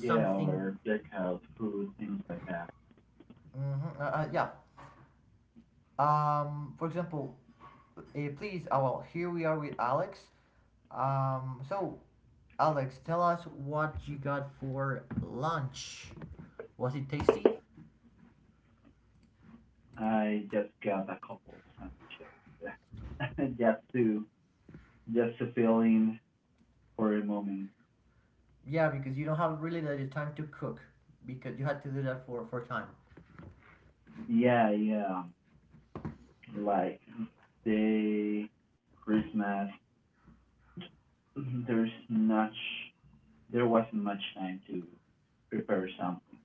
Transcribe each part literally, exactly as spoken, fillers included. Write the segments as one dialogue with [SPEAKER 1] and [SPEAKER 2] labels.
[SPEAKER 1] Yeah, or takeout food, things like that. I just got a couple of sandwiches just to just to fill in for a moment. Yeah, yeah. Like the Christmas. There's not there wasn't much time to prepare something.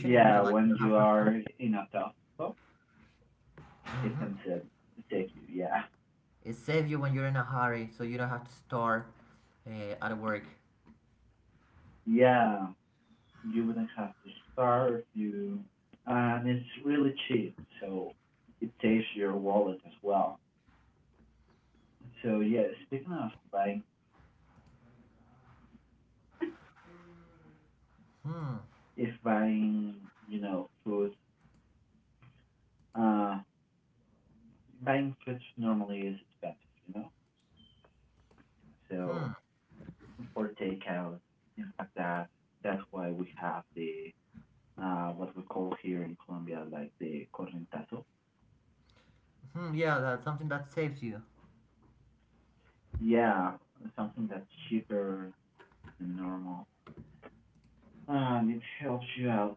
[SPEAKER 1] Yeah, when you are in a tough spot, it can save save you. Yeah, yeah. You wouldn't have to starve you, and it's really cheap, so it saves your wallet as well. So yeah, speaking of buying, if buying you know food, uh buying food normally is expensive, you know so for takeout, things like that. That's why we have the uh what we call here in Colombia like the correntazo, yeah, something that's cheaper than normal, and it helps you out.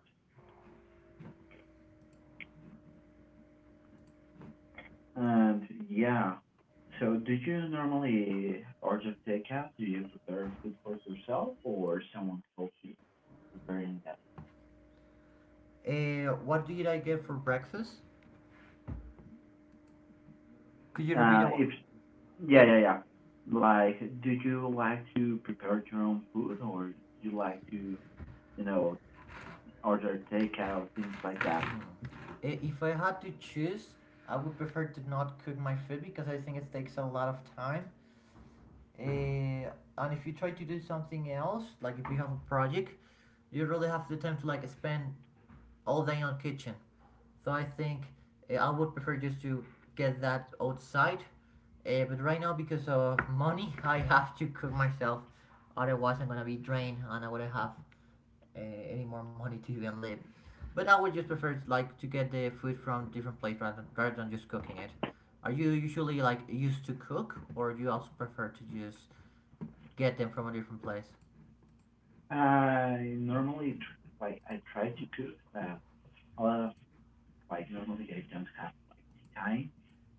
[SPEAKER 1] And yeah, so do you normally order takeout? Do you prepare food for yourself, or someone helps you preparing that?
[SPEAKER 2] Uh, what did I get for breakfast? Could you repeat
[SPEAKER 1] Uh,
[SPEAKER 2] that one?
[SPEAKER 1] if yeah,
[SPEAKER 2] Yep.
[SPEAKER 1] yeah, yeah. Like, do you like to prepare your own food, or do you like to, you know, order takeout, things like that?
[SPEAKER 2] I- If I had to choose, I would prefer to not cook my food because I think it takes a lot of time. Uh, and if you try to do something else, like if you have a project, you really have the time to like spend all day on kitchen. So I think uh, I would prefer just to get that outside. Uh, but right now, because of money, I have to cook myself. Otherwise, I'm gonna be drained and I wouldn't have uh, any more money to even live. But I would just prefer like to get the food from different place rather rather than just cooking it. Are you usually like used to cook, or do you also prefer to just get them from a different place?
[SPEAKER 1] I normally tr- like I try to cook, but a lot of like normally I don't have time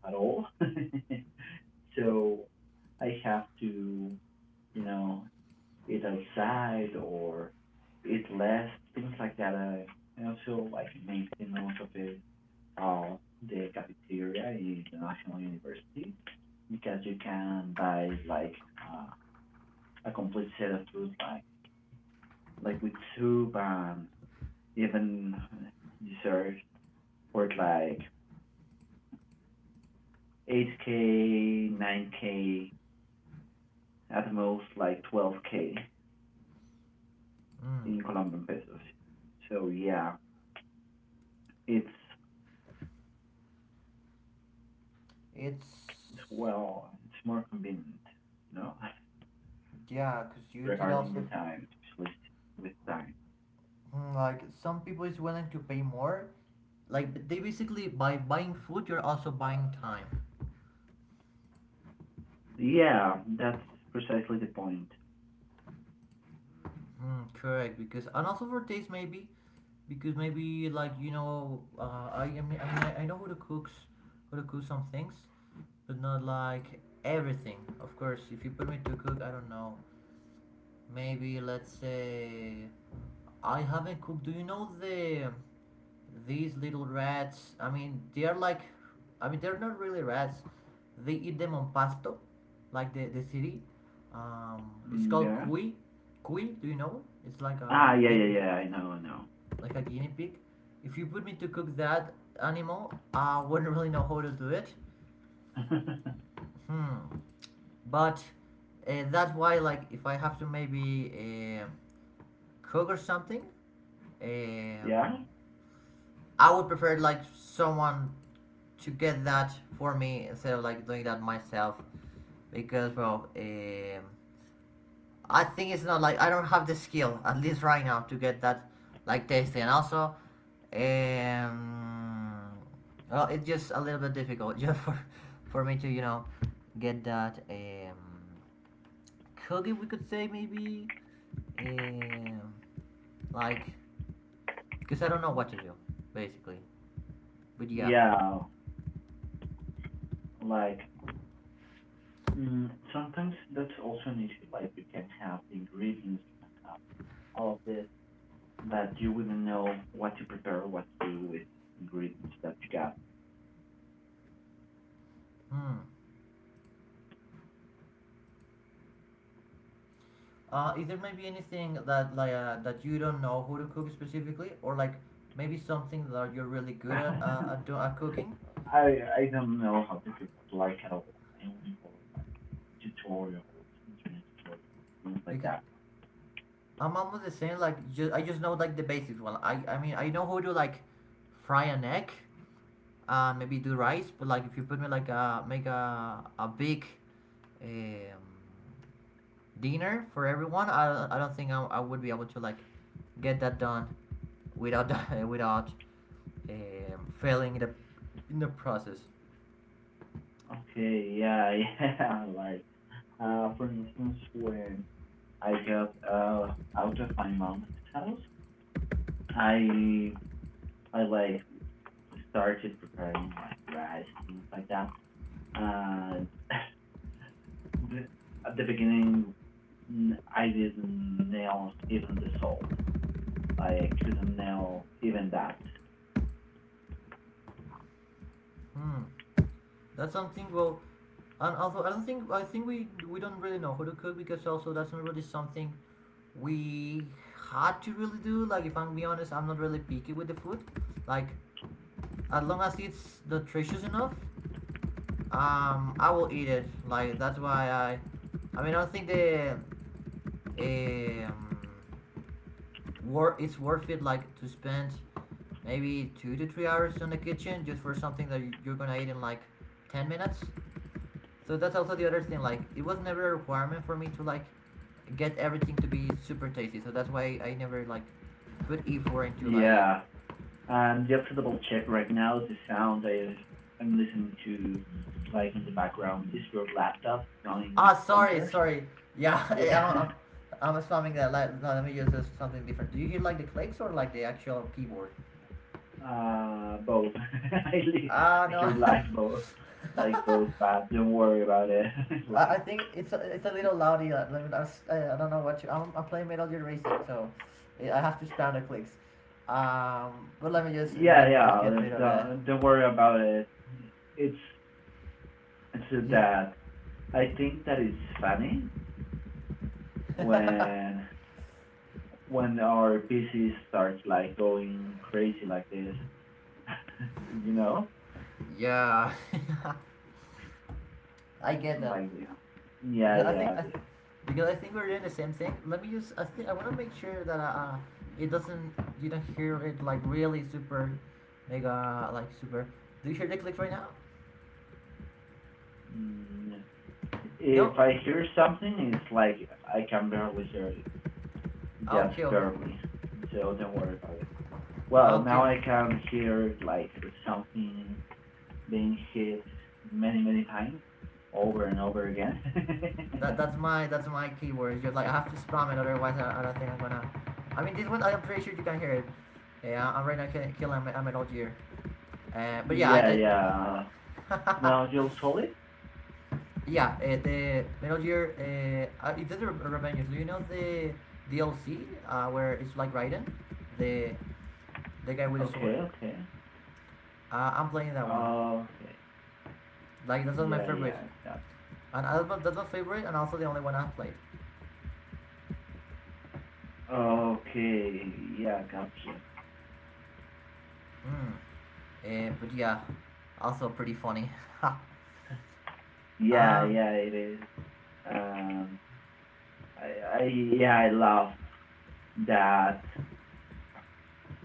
[SPEAKER 1] at all, so I have to, you know, eat outside or eat less, things like that. I, I also like maintain most of it all the cafeteria in the National University, because you can buy like uh, a complete set of food like like with soup and even dessert for like eight k, nine k, at most like twelve k
[SPEAKER 2] Mm.
[SPEAKER 1] in Colombian pesos. So yeah, it's it's
[SPEAKER 2] It's
[SPEAKER 1] well, it's more convenient, you know,
[SPEAKER 2] Yeah, cause you did
[SPEAKER 1] regarding the
[SPEAKER 2] also.
[SPEAKER 1] time, especially with time.
[SPEAKER 2] Hmm, like some people is willing to pay more. Like but they basically by buying food, you're also buying time.
[SPEAKER 1] Yeah, that's precisely the point.
[SPEAKER 2] Mm, correct, because and also for taste maybe, because maybe like you know uh, I, I mean I, mean, I know how to cook, how to cook some things, but not like everything. Of course, if you put me to cook, I don't know, maybe let's say I haven't cooked. Do you know the these little rats? I mean they are like, I mean they're not really rats. They eat them on pasto, like the, the city, um, it's
[SPEAKER 1] Mm.
[SPEAKER 2] called
[SPEAKER 1] Yeah.
[SPEAKER 2] cuy. Cuy, do you know, it's like
[SPEAKER 1] Ah,
[SPEAKER 2] a
[SPEAKER 1] yeah, yeah, yeah. I know, I know.
[SPEAKER 2] like a guinea pig. If you put me to cook that animal, I wouldn't really know how to do it. Hmm. But uh, that's why, like, if I have to maybe um cook or something,
[SPEAKER 1] Yeah,
[SPEAKER 2] um, I would prefer like someone to get that for me instead of like doing that myself. Because, well, um, I think it's not like I don't have the skill at least right now to get that like tasty, and also, um, well, it's just a little bit difficult just for for me to you know get that um cookie, we could say maybe, um like, because I don't know what to do basically, but yeah.
[SPEAKER 1] yeah. Like, mm, sometimes that's also an issue. Like, you can have the ingredients, you can have all of this, but you wouldn't know what to prepare, what to do with ingredients that you
[SPEAKER 2] Hmm. Uh, is there maybe anything that like uh, that you don't know how to cook specifically, or like maybe something that you're really good at
[SPEAKER 1] got.
[SPEAKER 2] uh, at, do- at cooking?
[SPEAKER 1] I I don't know how difficult like at all. I only follow like tutorials, internet tutorials, things like
[SPEAKER 2] Because
[SPEAKER 1] that.
[SPEAKER 2] I'm almost the same. Like just, I just know like the basics. Well, I I mean I know how to like fry an egg, uh, maybe do rice. But like if you put me like a make a a big, um, dinner for everyone, I I don't think I, I would be able to like get that done without without, um, failing in the in the process.
[SPEAKER 1] Okay, yeah, yeah. Like, uh, for instance, when I got uh out of my mom's house, I I like started preparing like rice, things like that. And the, at the beginning, mm, I didn't nail even the salt. Like, I couldn't nail even that.
[SPEAKER 2] Hmm. That's something, well. And also, I don't think, I think we we don't really know how to cook because also that's not really something we had to really do. Like, if I'm being honest, I'm not really picky with the food. Like, as long as it's nutritious enough, um, I will eat it. Like, that's why I, I mean, I don't think the, um, wor- it's worth it. Like, to spend maybe two to three hours in the kitchen just for something that you- you're gonna eat in like ten minutes. So that's also the other thing. Like, it was never a requirement for me to like get everything to be super tasty. So that's why I never like put effort into like.
[SPEAKER 1] Yeah. Um, the alphabetical check right now, the sound I, I'm listening to, like in the background, is your laptop going
[SPEAKER 2] Ah, sorry,
[SPEAKER 1] bonkers?
[SPEAKER 2] sorry. Yeah,
[SPEAKER 1] Yeah.
[SPEAKER 2] I'm, I'm, I spamming that. Let, no, let me use something different. Do you hear like the clicks or like the actual keyboard?
[SPEAKER 1] Uh, both. I
[SPEAKER 2] Ah, no.
[SPEAKER 1] hear like both, like both, but don't worry about it.
[SPEAKER 2] I
[SPEAKER 1] Like,
[SPEAKER 2] think it's a, it's a little loudy. uh, Let me, I, I don't know what you. I'm, I'm playing Metal Gear Racing, so yeah, I have to spam the clicks. Um, but let me just
[SPEAKER 1] yeah,
[SPEAKER 2] let me just get
[SPEAKER 1] yeah,
[SPEAKER 2] rid of that.
[SPEAKER 1] don't, don't worry about it. It's, it's
[SPEAKER 2] Yeah.
[SPEAKER 1] that I think that it's funny when when our P C starts like going crazy like this, you know.
[SPEAKER 2] Yeah. I get that
[SPEAKER 1] Like, yeah,
[SPEAKER 2] because I
[SPEAKER 1] yeah,
[SPEAKER 2] think I
[SPEAKER 1] the,
[SPEAKER 2] th- because I think we're doing the same thing. Let me just, I think I want to make sure that uh uh, it doesn't, you don't hear it like really super mega like super. Do you hear the clicks right now?
[SPEAKER 1] mm,
[SPEAKER 2] No.
[SPEAKER 1] if I hear something, it's like I can barely hear it,
[SPEAKER 2] Ah,
[SPEAKER 1] just
[SPEAKER 2] okay. Okay.
[SPEAKER 1] barely, so don't worry about it.
[SPEAKER 2] Ah,
[SPEAKER 1] Well,
[SPEAKER 2] okay.
[SPEAKER 1] now I can hear like something being hit many many times over and over again.
[SPEAKER 2] That that's my that's my keyword. You're like, I have to spam it, otherwise I, I don't think I'm gonna. I mean this one, I'm pretty sure you can hear it. Yeah, I'm right now killing, killing I'm at Algier. Uh, but yeah,
[SPEAKER 1] Yeah,
[SPEAKER 2] I,
[SPEAKER 1] yeah,
[SPEAKER 2] I
[SPEAKER 1] well, you'll solve it.
[SPEAKER 2] yeah, uh, the Metal Gear. Uh, uh, it did Revengeance. Do you know the D L C, uh, where it's like Raiden, the the guy with the
[SPEAKER 1] Okay,
[SPEAKER 2] sword?
[SPEAKER 1] okay,
[SPEAKER 2] Uh, I'm playing that one.
[SPEAKER 1] okay,
[SPEAKER 2] Like, that's one of my
[SPEAKER 1] yeah,
[SPEAKER 2] favorite,
[SPEAKER 1] yeah, that's
[SPEAKER 2] and I- that's my favorite, and also the only one I've played.
[SPEAKER 1] okay, yeah, gotcha,
[SPEAKER 2] Mm. Uh, but yeah, also pretty funny.
[SPEAKER 1] yeah,
[SPEAKER 2] um,
[SPEAKER 1] yeah, it is. Um, I, I yeah, I love that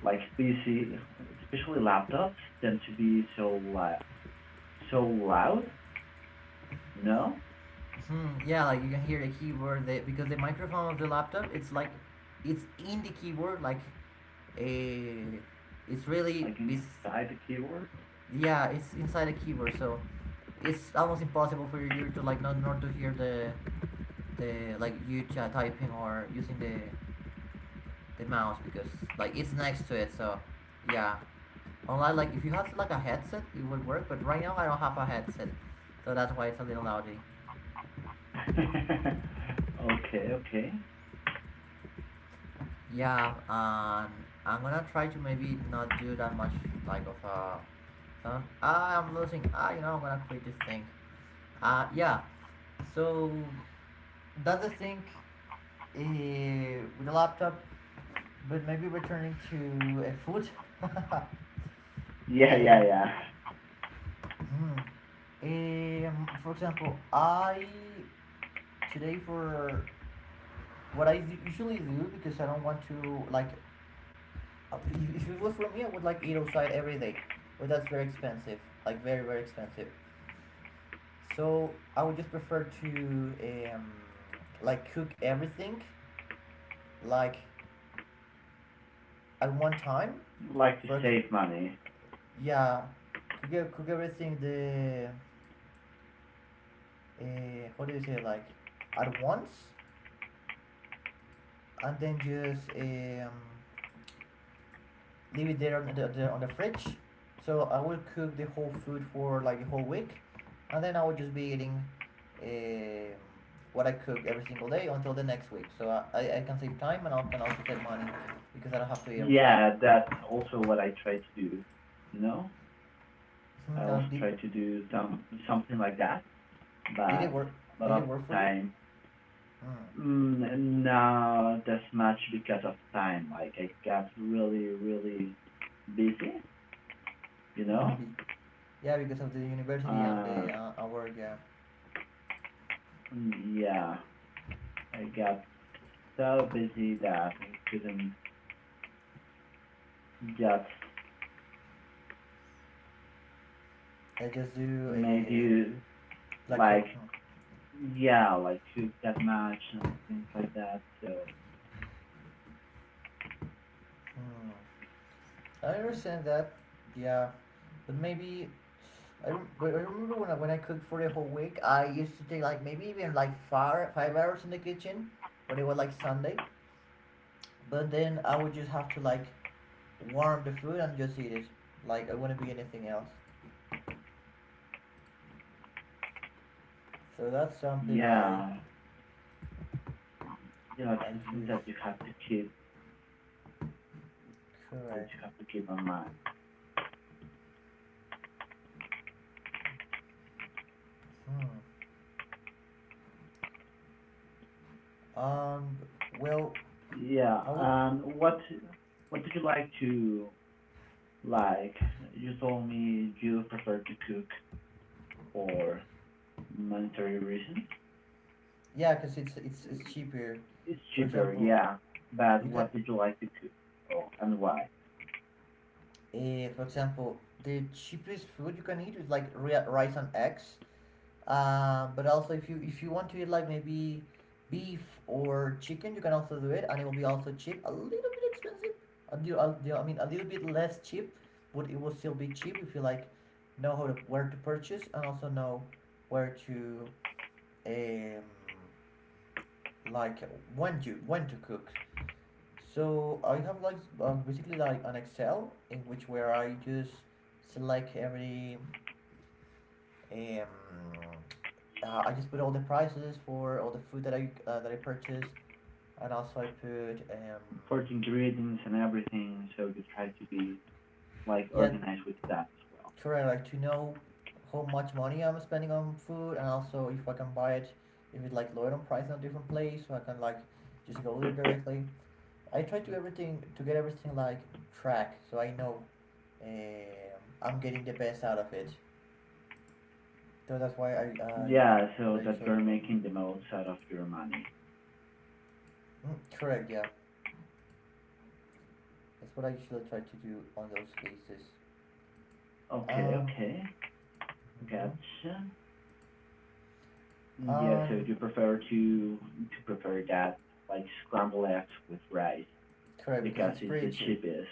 [SPEAKER 1] like P C, especially laptops, tend to be so loud, so loud. You know,
[SPEAKER 2] hmm, yeah, like you can hear the keyboard the, because the microphone of the laptop, it's like it's in the keyboard, like, uh, it's really
[SPEAKER 1] like
[SPEAKER 2] this.
[SPEAKER 1] inside the keyboard.
[SPEAKER 2] Yeah, it's inside the keyboard, so it's almost impossible for your ear to like not not to hear the, the like you ch- typing, or using the the mouse, because like it's next to it. So yeah, unlike, like if you have like a headset, it would work, but right now I don't have a headset, so that's why it's a little loudy.
[SPEAKER 1] Okay, okay.
[SPEAKER 2] Yeah, and I'm gonna try to maybe not do that much like of uh sound. ah I'm losing. ah you know I'm gonna quit this thing. Uh yeah. So, does it thing, eh, with a laptop, but maybe returning to a food?
[SPEAKER 1] Yeah,
[SPEAKER 2] Eh,
[SPEAKER 1] yeah, yeah.
[SPEAKER 2] hmm. Um, for example, I today for what I usually do, because I don't want to like, uh, if, if it was for me, I would like eat outside every day, but that's very expensive, like very very expensive. So I would just prefer to um like cook everything, like at one time.
[SPEAKER 1] Like, to
[SPEAKER 2] for ex-
[SPEAKER 1] save money.
[SPEAKER 2] yeah, could get could everything, the, uh, how do you say, like at once, and then just, um, leave it there on the, the on the fridge. So I will cook the whole food for like a whole week, and then I will just be eating, um, what I cook every single day until the next week, so i, I I can save time and I can also save money, because I don't have to eat outside.
[SPEAKER 1] Yeah, that's also what I try to do. You know, I
[SPEAKER 2] Hmm,
[SPEAKER 1] also
[SPEAKER 2] and did,
[SPEAKER 1] try to do some something like that,
[SPEAKER 2] did it
[SPEAKER 1] but
[SPEAKER 2] work
[SPEAKER 1] a lot
[SPEAKER 2] did
[SPEAKER 1] of
[SPEAKER 2] it work for you?
[SPEAKER 1] time.
[SPEAKER 2] Hmm.
[SPEAKER 1] Mm, not this much because of time. Like, I got really, really busy, you know?
[SPEAKER 2] Hmm. Yeah, because of the university and
[SPEAKER 1] Uh,
[SPEAKER 2] the, uh, our, yeah.
[SPEAKER 1] mm, yeah, I got so busy that I couldn't get
[SPEAKER 2] I just do
[SPEAKER 1] made
[SPEAKER 2] a
[SPEAKER 1] you
[SPEAKER 2] black cook.
[SPEAKER 1] like,
[SPEAKER 2] Hmm.
[SPEAKER 1] yeah, like shoot that much and things like that. So
[SPEAKER 2] Hmm. I understand that. Yeah, but maybe I, rem- but I remember when I, when I cooked for the whole week, I used to take like maybe even like five five hours in the kitchen when it was like Sunday, but then I would just have to like warm the food and just eat it. Like I wouldn't be anything else. So that's something I
[SPEAKER 1] yeah, yeah, it's
[SPEAKER 2] I
[SPEAKER 1] something
[SPEAKER 2] use.
[SPEAKER 1] that you have to keep, that you
[SPEAKER 2] Correct.
[SPEAKER 1] have to keep in mind.
[SPEAKER 2] Hmm. Um. Well,
[SPEAKER 1] Yeah.
[SPEAKER 2] I would.
[SPEAKER 1] um, what, what did you like to Like, you told me, you prefer to cook for monetary reasons.
[SPEAKER 2] Yeah, because it's it's it's cheaper.
[SPEAKER 1] It's
[SPEAKER 2] For
[SPEAKER 1] cheaper,
[SPEAKER 2] example,
[SPEAKER 1] yeah. But
[SPEAKER 2] you can,
[SPEAKER 1] what did you like to cook, oh, and why?
[SPEAKER 2] uh, for example, the cheapest food you can eat is like ri- rice and eggs. Uh, but also if you if you want to eat like maybe beef or chicken, you can also do it, and it will be also cheap. A little bit expensive. A deal, a deal- I mean, a little bit less cheap, but it will still be cheap if you like know how to, where to purchase, and also know where to, um like, when to when to cook. So I have like, um, basically like an Excel in which where I just select every, um uh, I just put all the prices for all the food that I uh, that I purchased, and also I put, um
[SPEAKER 1] For ingredients and everything, so you try to be like
[SPEAKER 2] yeah,
[SPEAKER 1] organized with that as well.
[SPEAKER 2] correct, like to know how much money I'm spending on food, and also if I can buy it if it's like lower on price in a different place, so I can like just go there directly. I try to everything, to get everything like track, so I know, um, I'm getting the best out of it. So that's why I, I
[SPEAKER 1] Yeah, so
[SPEAKER 2] what I
[SPEAKER 1] that
[SPEAKER 2] usually
[SPEAKER 1] you're
[SPEAKER 2] do.
[SPEAKER 1] making the most out of your money.
[SPEAKER 2] Mm, correct, yeah, that's what I usually try to do on those cases.
[SPEAKER 1] Okay,
[SPEAKER 2] Um,
[SPEAKER 1] okay,
[SPEAKER 2] mhm.
[SPEAKER 1] gotcha. Yeah, so
[SPEAKER 2] Um,
[SPEAKER 1] you prefer to to prepare that like scrambled eggs with rice
[SPEAKER 2] Correct, because
[SPEAKER 1] because
[SPEAKER 2] it's
[SPEAKER 1] it's
[SPEAKER 2] pretty
[SPEAKER 1] the
[SPEAKER 2] cheap.
[SPEAKER 1] cheapest.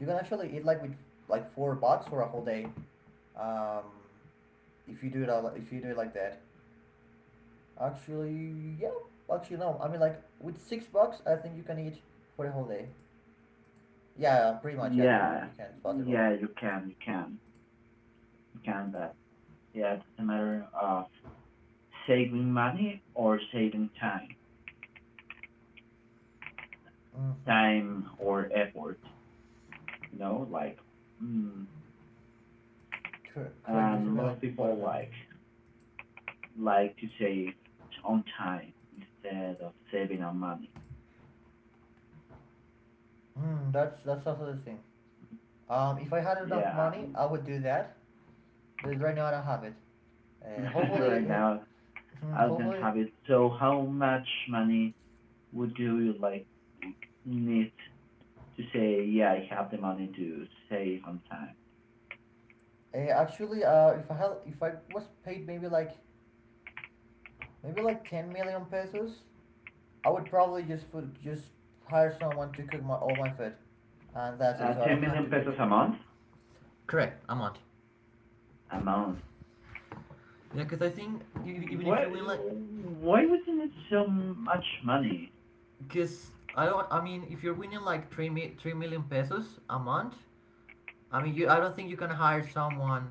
[SPEAKER 2] You can actually eat like with like four bucks for a whole day. Um, if you do it all, if you do it like that, actually, yeah, actually no. I mean like with six bucks, I think you can eat for a whole day. Yeah, yeah, pretty much. Yeah, you you, you
[SPEAKER 1] Yeah,
[SPEAKER 2] can. It's possible.
[SPEAKER 1] yeah, you can, you can, you can. But yeah, it's a matter of saving money or saving time,
[SPEAKER 2] Mm-hmm.
[SPEAKER 1] time or effort. You know, like, mm,
[SPEAKER 2] Cor- Correct. You're
[SPEAKER 1] and
[SPEAKER 2] treating
[SPEAKER 1] a lot of
[SPEAKER 2] like both of
[SPEAKER 1] people
[SPEAKER 2] them.
[SPEAKER 1] like like to save on time instead of saving on money.
[SPEAKER 2] Mm, that's that's also the thing. Um, if I had enough
[SPEAKER 1] Yeah,
[SPEAKER 2] money,
[SPEAKER 1] and
[SPEAKER 2] I would do that. But right now I don't have it. Uh, hopefully,
[SPEAKER 1] right
[SPEAKER 2] eh,
[SPEAKER 1] now
[SPEAKER 2] hmm,
[SPEAKER 1] I don't
[SPEAKER 2] hopefully,
[SPEAKER 1] have it. So how much money would you like need to say? Yeah, I have the money to save on time.
[SPEAKER 2] uh, actually, uh, if I had, if I was paid maybe like maybe like ten million pesos. I would probably just food, just hire someone to cook my all my food, and that's it.
[SPEAKER 1] Uh,
[SPEAKER 2] So I
[SPEAKER 1] 10
[SPEAKER 2] don't have to
[SPEAKER 1] million
[SPEAKER 2] cook
[SPEAKER 1] pesos a
[SPEAKER 2] anymore.
[SPEAKER 1] month.
[SPEAKER 2] Correct, I'm on.
[SPEAKER 1] A month.
[SPEAKER 2] Yeah, because I think e- even if
[SPEAKER 1] What?
[SPEAKER 2] you win like.
[SPEAKER 1] Why wasn't it so much money?
[SPEAKER 2] Because I don't. I mean, if you're winning like three mi- three million pesos a month, I mean, you. I don't think you can hire someone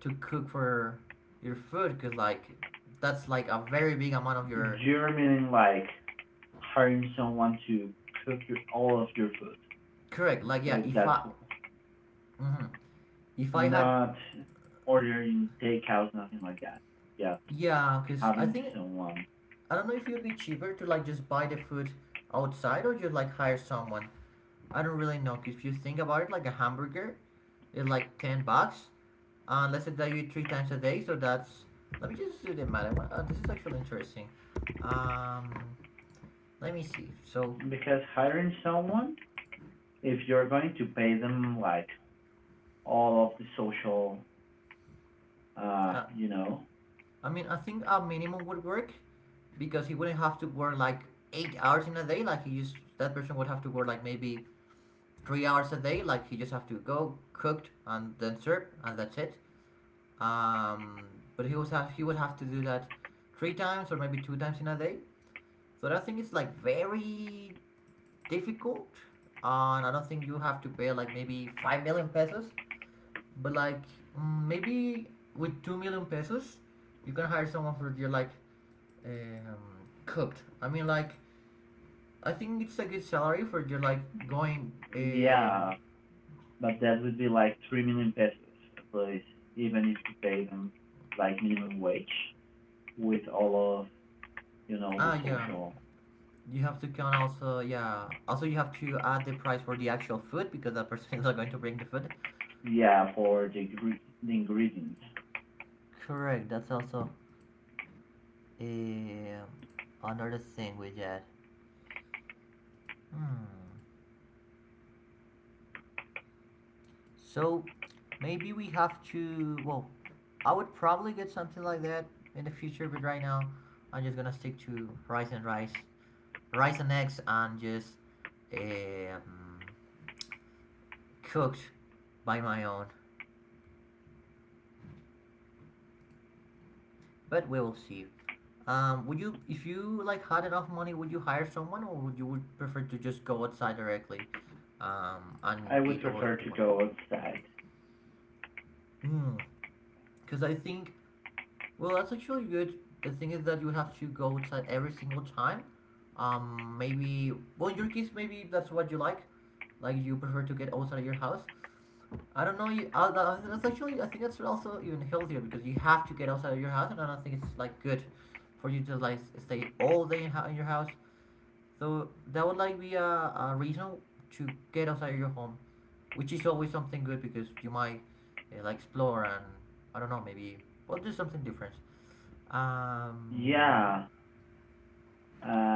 [SPEAKER 2] to cook for your food. Cause like, that's like a very big amount of your.
[SPEAKER 1] You're meaning like hiring someone to cook your, all of your food.
[SPEAKER 2] Correct. Like, yeah,
[SPEAKER 1] So
[SPEAKER 2] if
[SPEAKER 1] that's
[SPEAKER 2] I, hmm if I had
[SPEAKER 1] not ordering takeout, nothing like that. Yeah,
[SPEAKER 2] yeah, cause I
[SPEAKER 1] having
[SPEAKER 2] think
[SPEAKER 1] someone.
[SPEAKER 2] I don't know if it would be cheaper to like just buy the food outside or you like hire someone. I don't really know. Cause if you think about it, like a hamburger is like ten bucks. Uh, let's say that you eat three times a day, so that's. Let me just do the math. Uh, this is actually interesting. Um, let me see. So,
[SPEAKER 1] Because hiring someone, if you're going to pay them like all of the social, uh,
[SPEAKER 2] uh,
[SPEAKER 1] you know,
[SPEAKER 2] I mean, I think a minimum would work because he wouldn't have to work like eight hours in a day. Like, he just that person would have to work like maybe three hours a day. Like, he just have to go cooked and then serve and that's it. Um, but he would have he would have to do that three times or maybe two times in a day. So I think it's like very difficult, and I don't think you have to pay like maybe five million pesos, but like mm, maybe with two million pesos, you can hire someone for your like um, cooked. I mean, like, I think it's a good salary for your like going. Um,
[SPEAKER 1] yeah. But that would be like three million pesos at least, even if you pay them like minimum wage with all of you know the
[SPEAKER 2] ah yeah,
[SPEAKER 1] social.
[SPEAKER 2] you have to count also, yeah. Also, you have to add the price for the actual food because that person is not going to bring the food.
[SPEAKER 1] Yeah, for the the ingredients,
[SPEAKER 2] Correct. That's also um, another thing with that. Hmm. So maybe we have to. Well, I would probably get something like that in the future, but right now I'm just gonna stick to rice and rice, rice and eggs, and just um, cooked by my own. But we will see. Um, would you, if you like had enough money, would you hire someone, or would you would prefer to just go outside directly, um, and
[SPEAKER 1] I would
[SPEAKER 2] eat all the
[SPEAKER 1] prefer
[SPEAKER 2] food you
[SPEAKER 1] to
[SPEAKER 2] want?
[SPEAKER 1] go outside.
[SPEAKER 2] Because I think Well, that's actually really good. The thing is that you have to go outside every single time. Um, maybe, well, in your case, maybe that's what you like. Like, you prefer to get outside of your house. I don't know. You, uh, that's actually, I think that's also even healthier because you have to get outside of your house, and I don't think it's like good for you to like stay all day in, ho- in your house. So that would like be a, a reason to get outside of your home, which is always something good because you might uh, like explore and, I don't know, maybe well do something different. Um,
[SPEAKER 1] Yeah,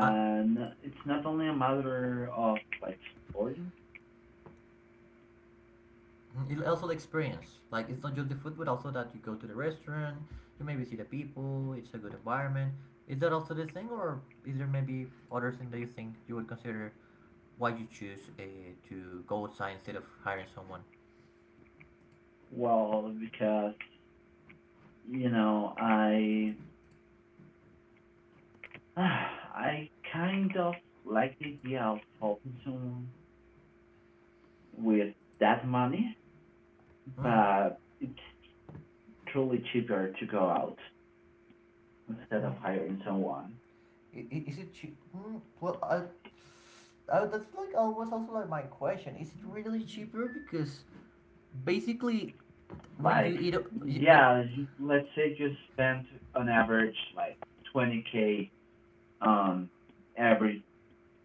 [SPEAKER 2] uh,
[SPEAKER 1] it's not only a matter of like supporting.
[SPEAKER 2] it also the experience. Like, it's not just the food, but also that you go to the restaurant, you maybe see the people. It's a good environment. Is that also the thing, or is there maybe other thing that you think you would consider why you choose uh, to go outside instead of hiring someone?
[SPEAKER 1] Well, because you know I I kind of like the idea of helping someone with that money,
[SPEAKER 2] Mm.
[SPEAKER 1] but it's truly cheaper to go out instead of
[SPEAKER 2] Hmm.
[SPEAKER 1] hiring someone.
[SPEAKER 2] I- i- Is it cheap? Hmm. Well, I, I, that's like always also like my question. Is it really cheaper? Because basically, when you
[SPEAKER 1] Like,
[SPEAKER 2] eat, a- y- we.
[SPEAKER 1] yeah, you- let's say you spend on average like twenty k on every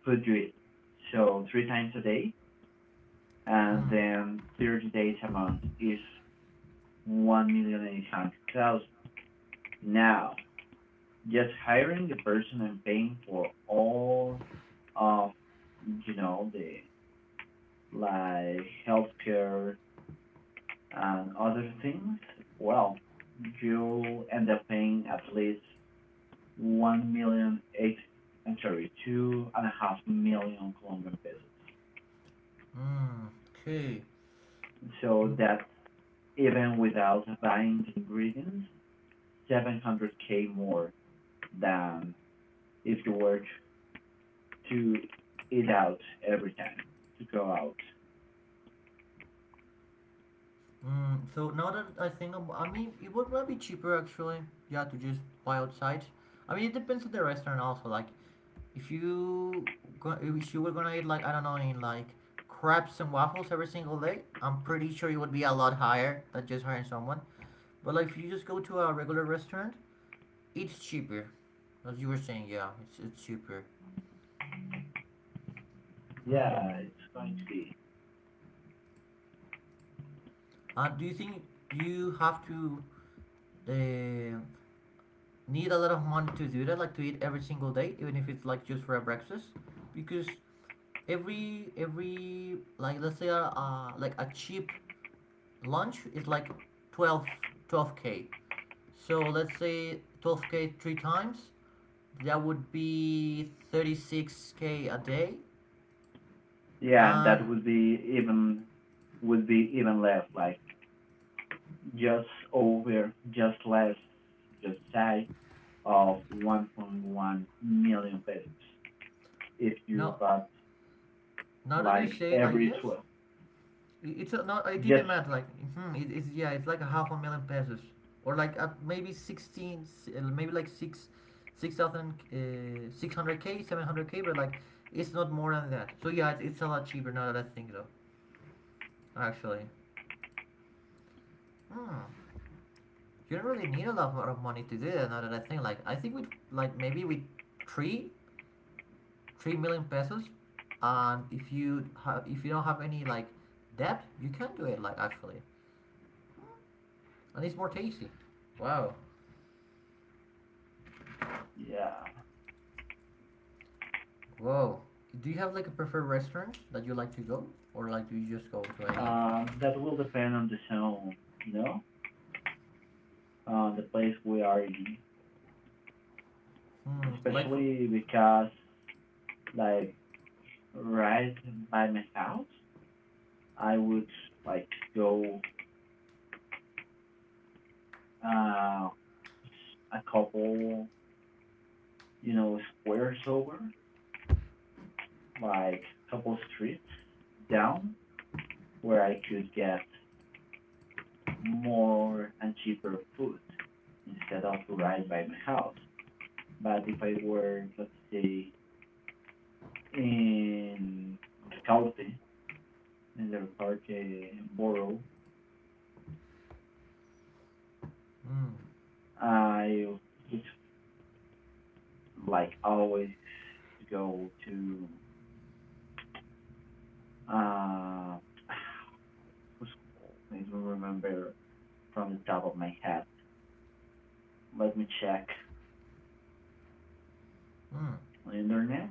[SPEAKER 1] food you eat, so three times a day, and
[SPEAKER 2] Mm,
[SPEAKER 1] then thirty days a month is one million eight hundred thousand dollars. Now, just hiring the person and paying for all of you know the like healthcare and other things, well, you end up paying at least one million eight, I'm sorry, two and a half million Colombian pesos.
[SPEAKER 2] mm, okay.
[SPEAKER 1] So
[SPEAKER 2] Mm,
[SPEAKER 1] that's even without buying the ingredients, seven hundred k more than if you were to eat out every time to go out.
[SPEAKER 2] mm, so now that I think, ab- I mean, it would might be cheaper actually. Yeah, to just buy outside. I mean, it depends on the restaurant also. Like, if you go, if you were gonna eat like, I don't know, in like crabs and waffles every single day, I'm pretty sure it would be a lot higher than just hiring someone. But like, if you just go to a regular restaurant, it's cheaper. As you were saying, yeah, it's it's cheaper. Hmm.
[SPEAKER 1] Yeah, it's going to be.
[SPEAKER 2] Uh, do you think you have to uh, need a lot of money to do that, like to eat every single day, even if it's like just for a breakfast, because every every like, let's say, uh, uh like a cheap lunch is like twelve twelve k. So let's say twelve k three times, that would be thirty-six k a day.
[SPEAKER 1] Yeah, and that
[SPEAKER 2] And
[SPEAKER 1] would be even would be even less, like just over, just less, just shy of one point one million pesos if you
[SPEAKER 2] no,
[SPEAKER 1] bought
[SPEAKER 2] now that you
[SPEAKER 1] like
[SPEAKER 2] say it like,
[SPEAKER 1] every
[SPEAKER 2] yes.
[SPEAKER 1] twelve.
[SPEAKER 2] It's a, no, I did the
[SPEAKER 1] Just,
[SPEAKER 2] math. Like, hmm, it, it's, yeah, it's like a half a million pesos, or like at maybe sixteen, uh, maybe like six, six thousand, uh, six hundred k, seven hundred k, but like, it's not more than that. So yeah, it's, it's a lot cheaper now that I think so. Actually, hmm, you don't really need a lot of money to do that. Now that I think, like, I think with like maybe with three, three million pesos, and if you have, if you don't have any like debt, you can do it. Like, actually, and it's more tasty. Wow.
[SPEAKER 1] yeah.
[SPEAKER 2] Whoa. Do you have like a preferred restaurant that you like to go, or like do you just go to any?
[SPEAKER 1] Uh, that will depend on the zone, you know, on the place we are in,
[SPEAKER 2] Hmm. Like for.
[SPEAKER 1] especially because like right by my house, I would like go uh, a couple, you know, squares over, like a couple streets down where I could get more and cheaper food instead of right by my house. But if I were, let's say, in Calpe, in the Parque Borough,
[SPEAKER 2] Hmm.
[SPEAKER 1] I would like always to go to uh, who's called? I don't remember from the top of my head. Let me check
[SPEAKER 2] Hmm.
[SPEAKER 1] on the internet.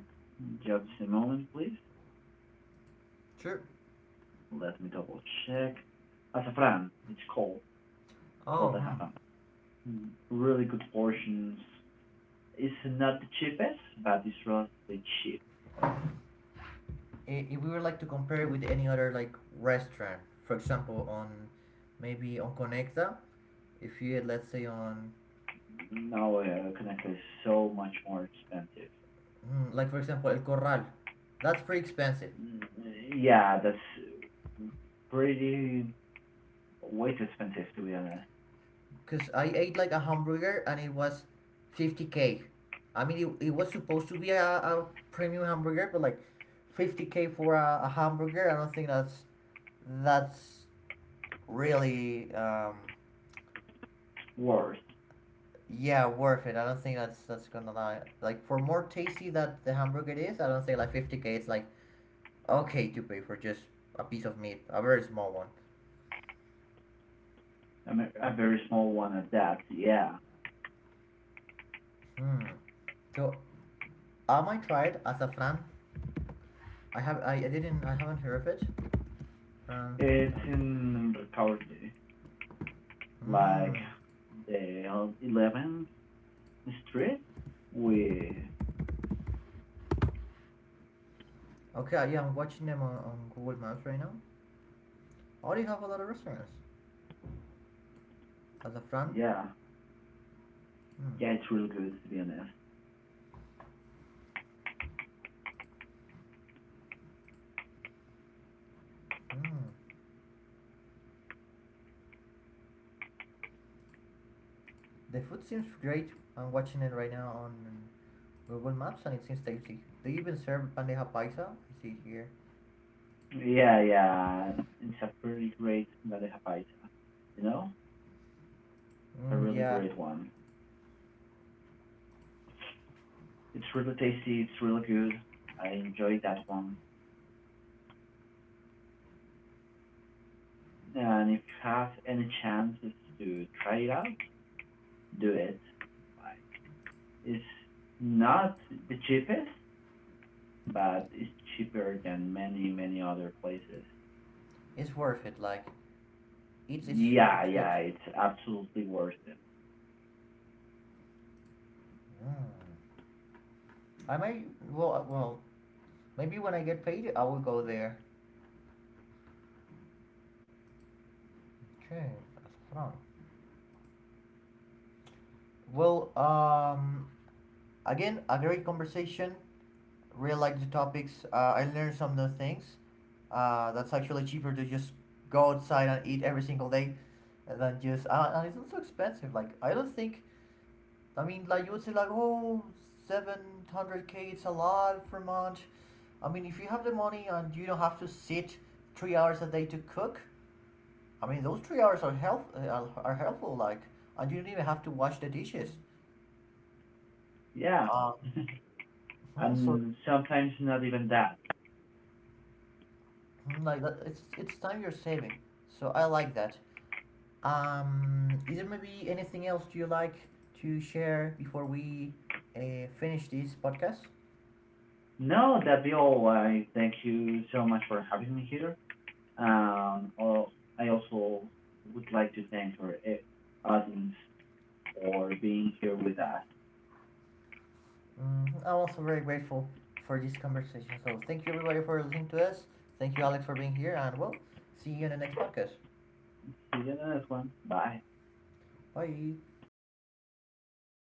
[SPEAKER 1] Just a moment, please.
[SPEAKER 2] Sure.
[SPEAKER 1] Let me double check. Azafran, it's called
[SPEAKER 2] Oh.
[SPEAKER 1] called
[SPEAKER 2] Hmm.
[SPEAKER 1] Azafran. Mm, Really good portions. It's not the cheapest, but it's relatively cheap.
[SPEAKER 2] If we were like to compare it with any other like restaurant, for example, on maybe on Conecta, if you let's say on.
[SPEAKER 1] Now uh, Kanaka is so much more expensive.
[SPEAKER 2] Hmm, like, for example, El Corral, that's pretty expensive,
[SPEAKER 1] Mm, yeah, that's pretty way too expensive, to be honest.
[SPEAKER 2] because I ate like a hamburger and it was fifty k. I mean, it, it was supposed to be a, a premium hamburger, but like fifty k for a, a hamburger, I don't think that's that's really, um,
[SPEAKER 1] Worth.
[SPEAKER 2] yeah, worth it. I don't think that's that's gonna lie. Like, for more tasty that the hamburger is, I don't think like fifty k. It's like okay to pay for just a piece of meat, a very small one.
[SPEAKER 1] I mean, a very small one at that. Yeah,
[SPEAKER 2] Hmm. So, am I tried as a fran? I have I, I didn't I haven't heard of it. Fran.
[SPEAKER 1] it's in recovery, like
[SPEAKER 2] Hmm.
[SPEAKER 1] the eleventh street with.
[SPEAKER 2] Okay, yeah, I'm watching them on, on Google Maps right now. Or you have a lot of restaurants at the front.
[SPEAKER 1] Yeah.
[SPEAKER 2] Hmm.
[SPEAKER 1] Yeah, it's really good, to be honest.
[SPEAKER 2] Hmm. The food seems great. I'm watching it right now on Google Maps and it seems tasty. They even serve bandeja paisa, I see here.
[SPEAKER 1] Yeah, yeah. It's a pretty great bandeja paisa. You know, it's a
[SPEAKER 2] Mm,
[SPEAKER 1] really
[SPEAKER 2] yeah,
[SPEAKER 1] great one. It's really tasty. It's really good. I enjoyed that one. And if you have any chances to try it out, do it. Like, it's not the cheapest, but it's cheaper than many, many other places.
[SPEAKER 2] it's worth it. Like, it's it's
[SPEAKER 1] Yeah,
[SPEAKER 2] it's good.
[SPEAKER 1] yeah, it's absolutely worth it.
[SPEAKER 2] Mm. I might. Well, uh, well maybe when I get paid I will go there. Okay, that's fun. Well, um, again, a great conversation. Really like the topics. Uh, I learned some new things. Uh, that's actually cheaper to just go outside and eat every single day, and then just uh, and it's not so expensive. Like, I don't think. I mean, like you would say, like, oh, seven hundred k. It's a lot per month. I mean, if you have the money and you don't have to sit three hours a day to cook, I mean, those three hours are help uh, are are helpful. Like, and you don't even have to wash the dishes.
[SPEAKER 1] Yeah,
[SPEAKER 2] Um, mhm, so
[SPEAKER 1] and sometimes not even that.
[SPEAKER 2] mhm, like that, it's it's time you're saving. So I like that. Um, is there maybe anything else do you like to share before we uh, finish this podcast?
[SPEAKER 1] No, that'd be all. I thank you so much for having me here. Um, al- I also would like to thank our eh, audience for being here with us.
[SPEAKER 2] Mm, I'm also very grateful for this conversation. So thank you, everybody, for listening to us. Thank you, Alex, for being here, and well, see you in the next podcast.
[SPEAKER 1] See you in the next one. Bye.
[SPEAKER 2] Bye.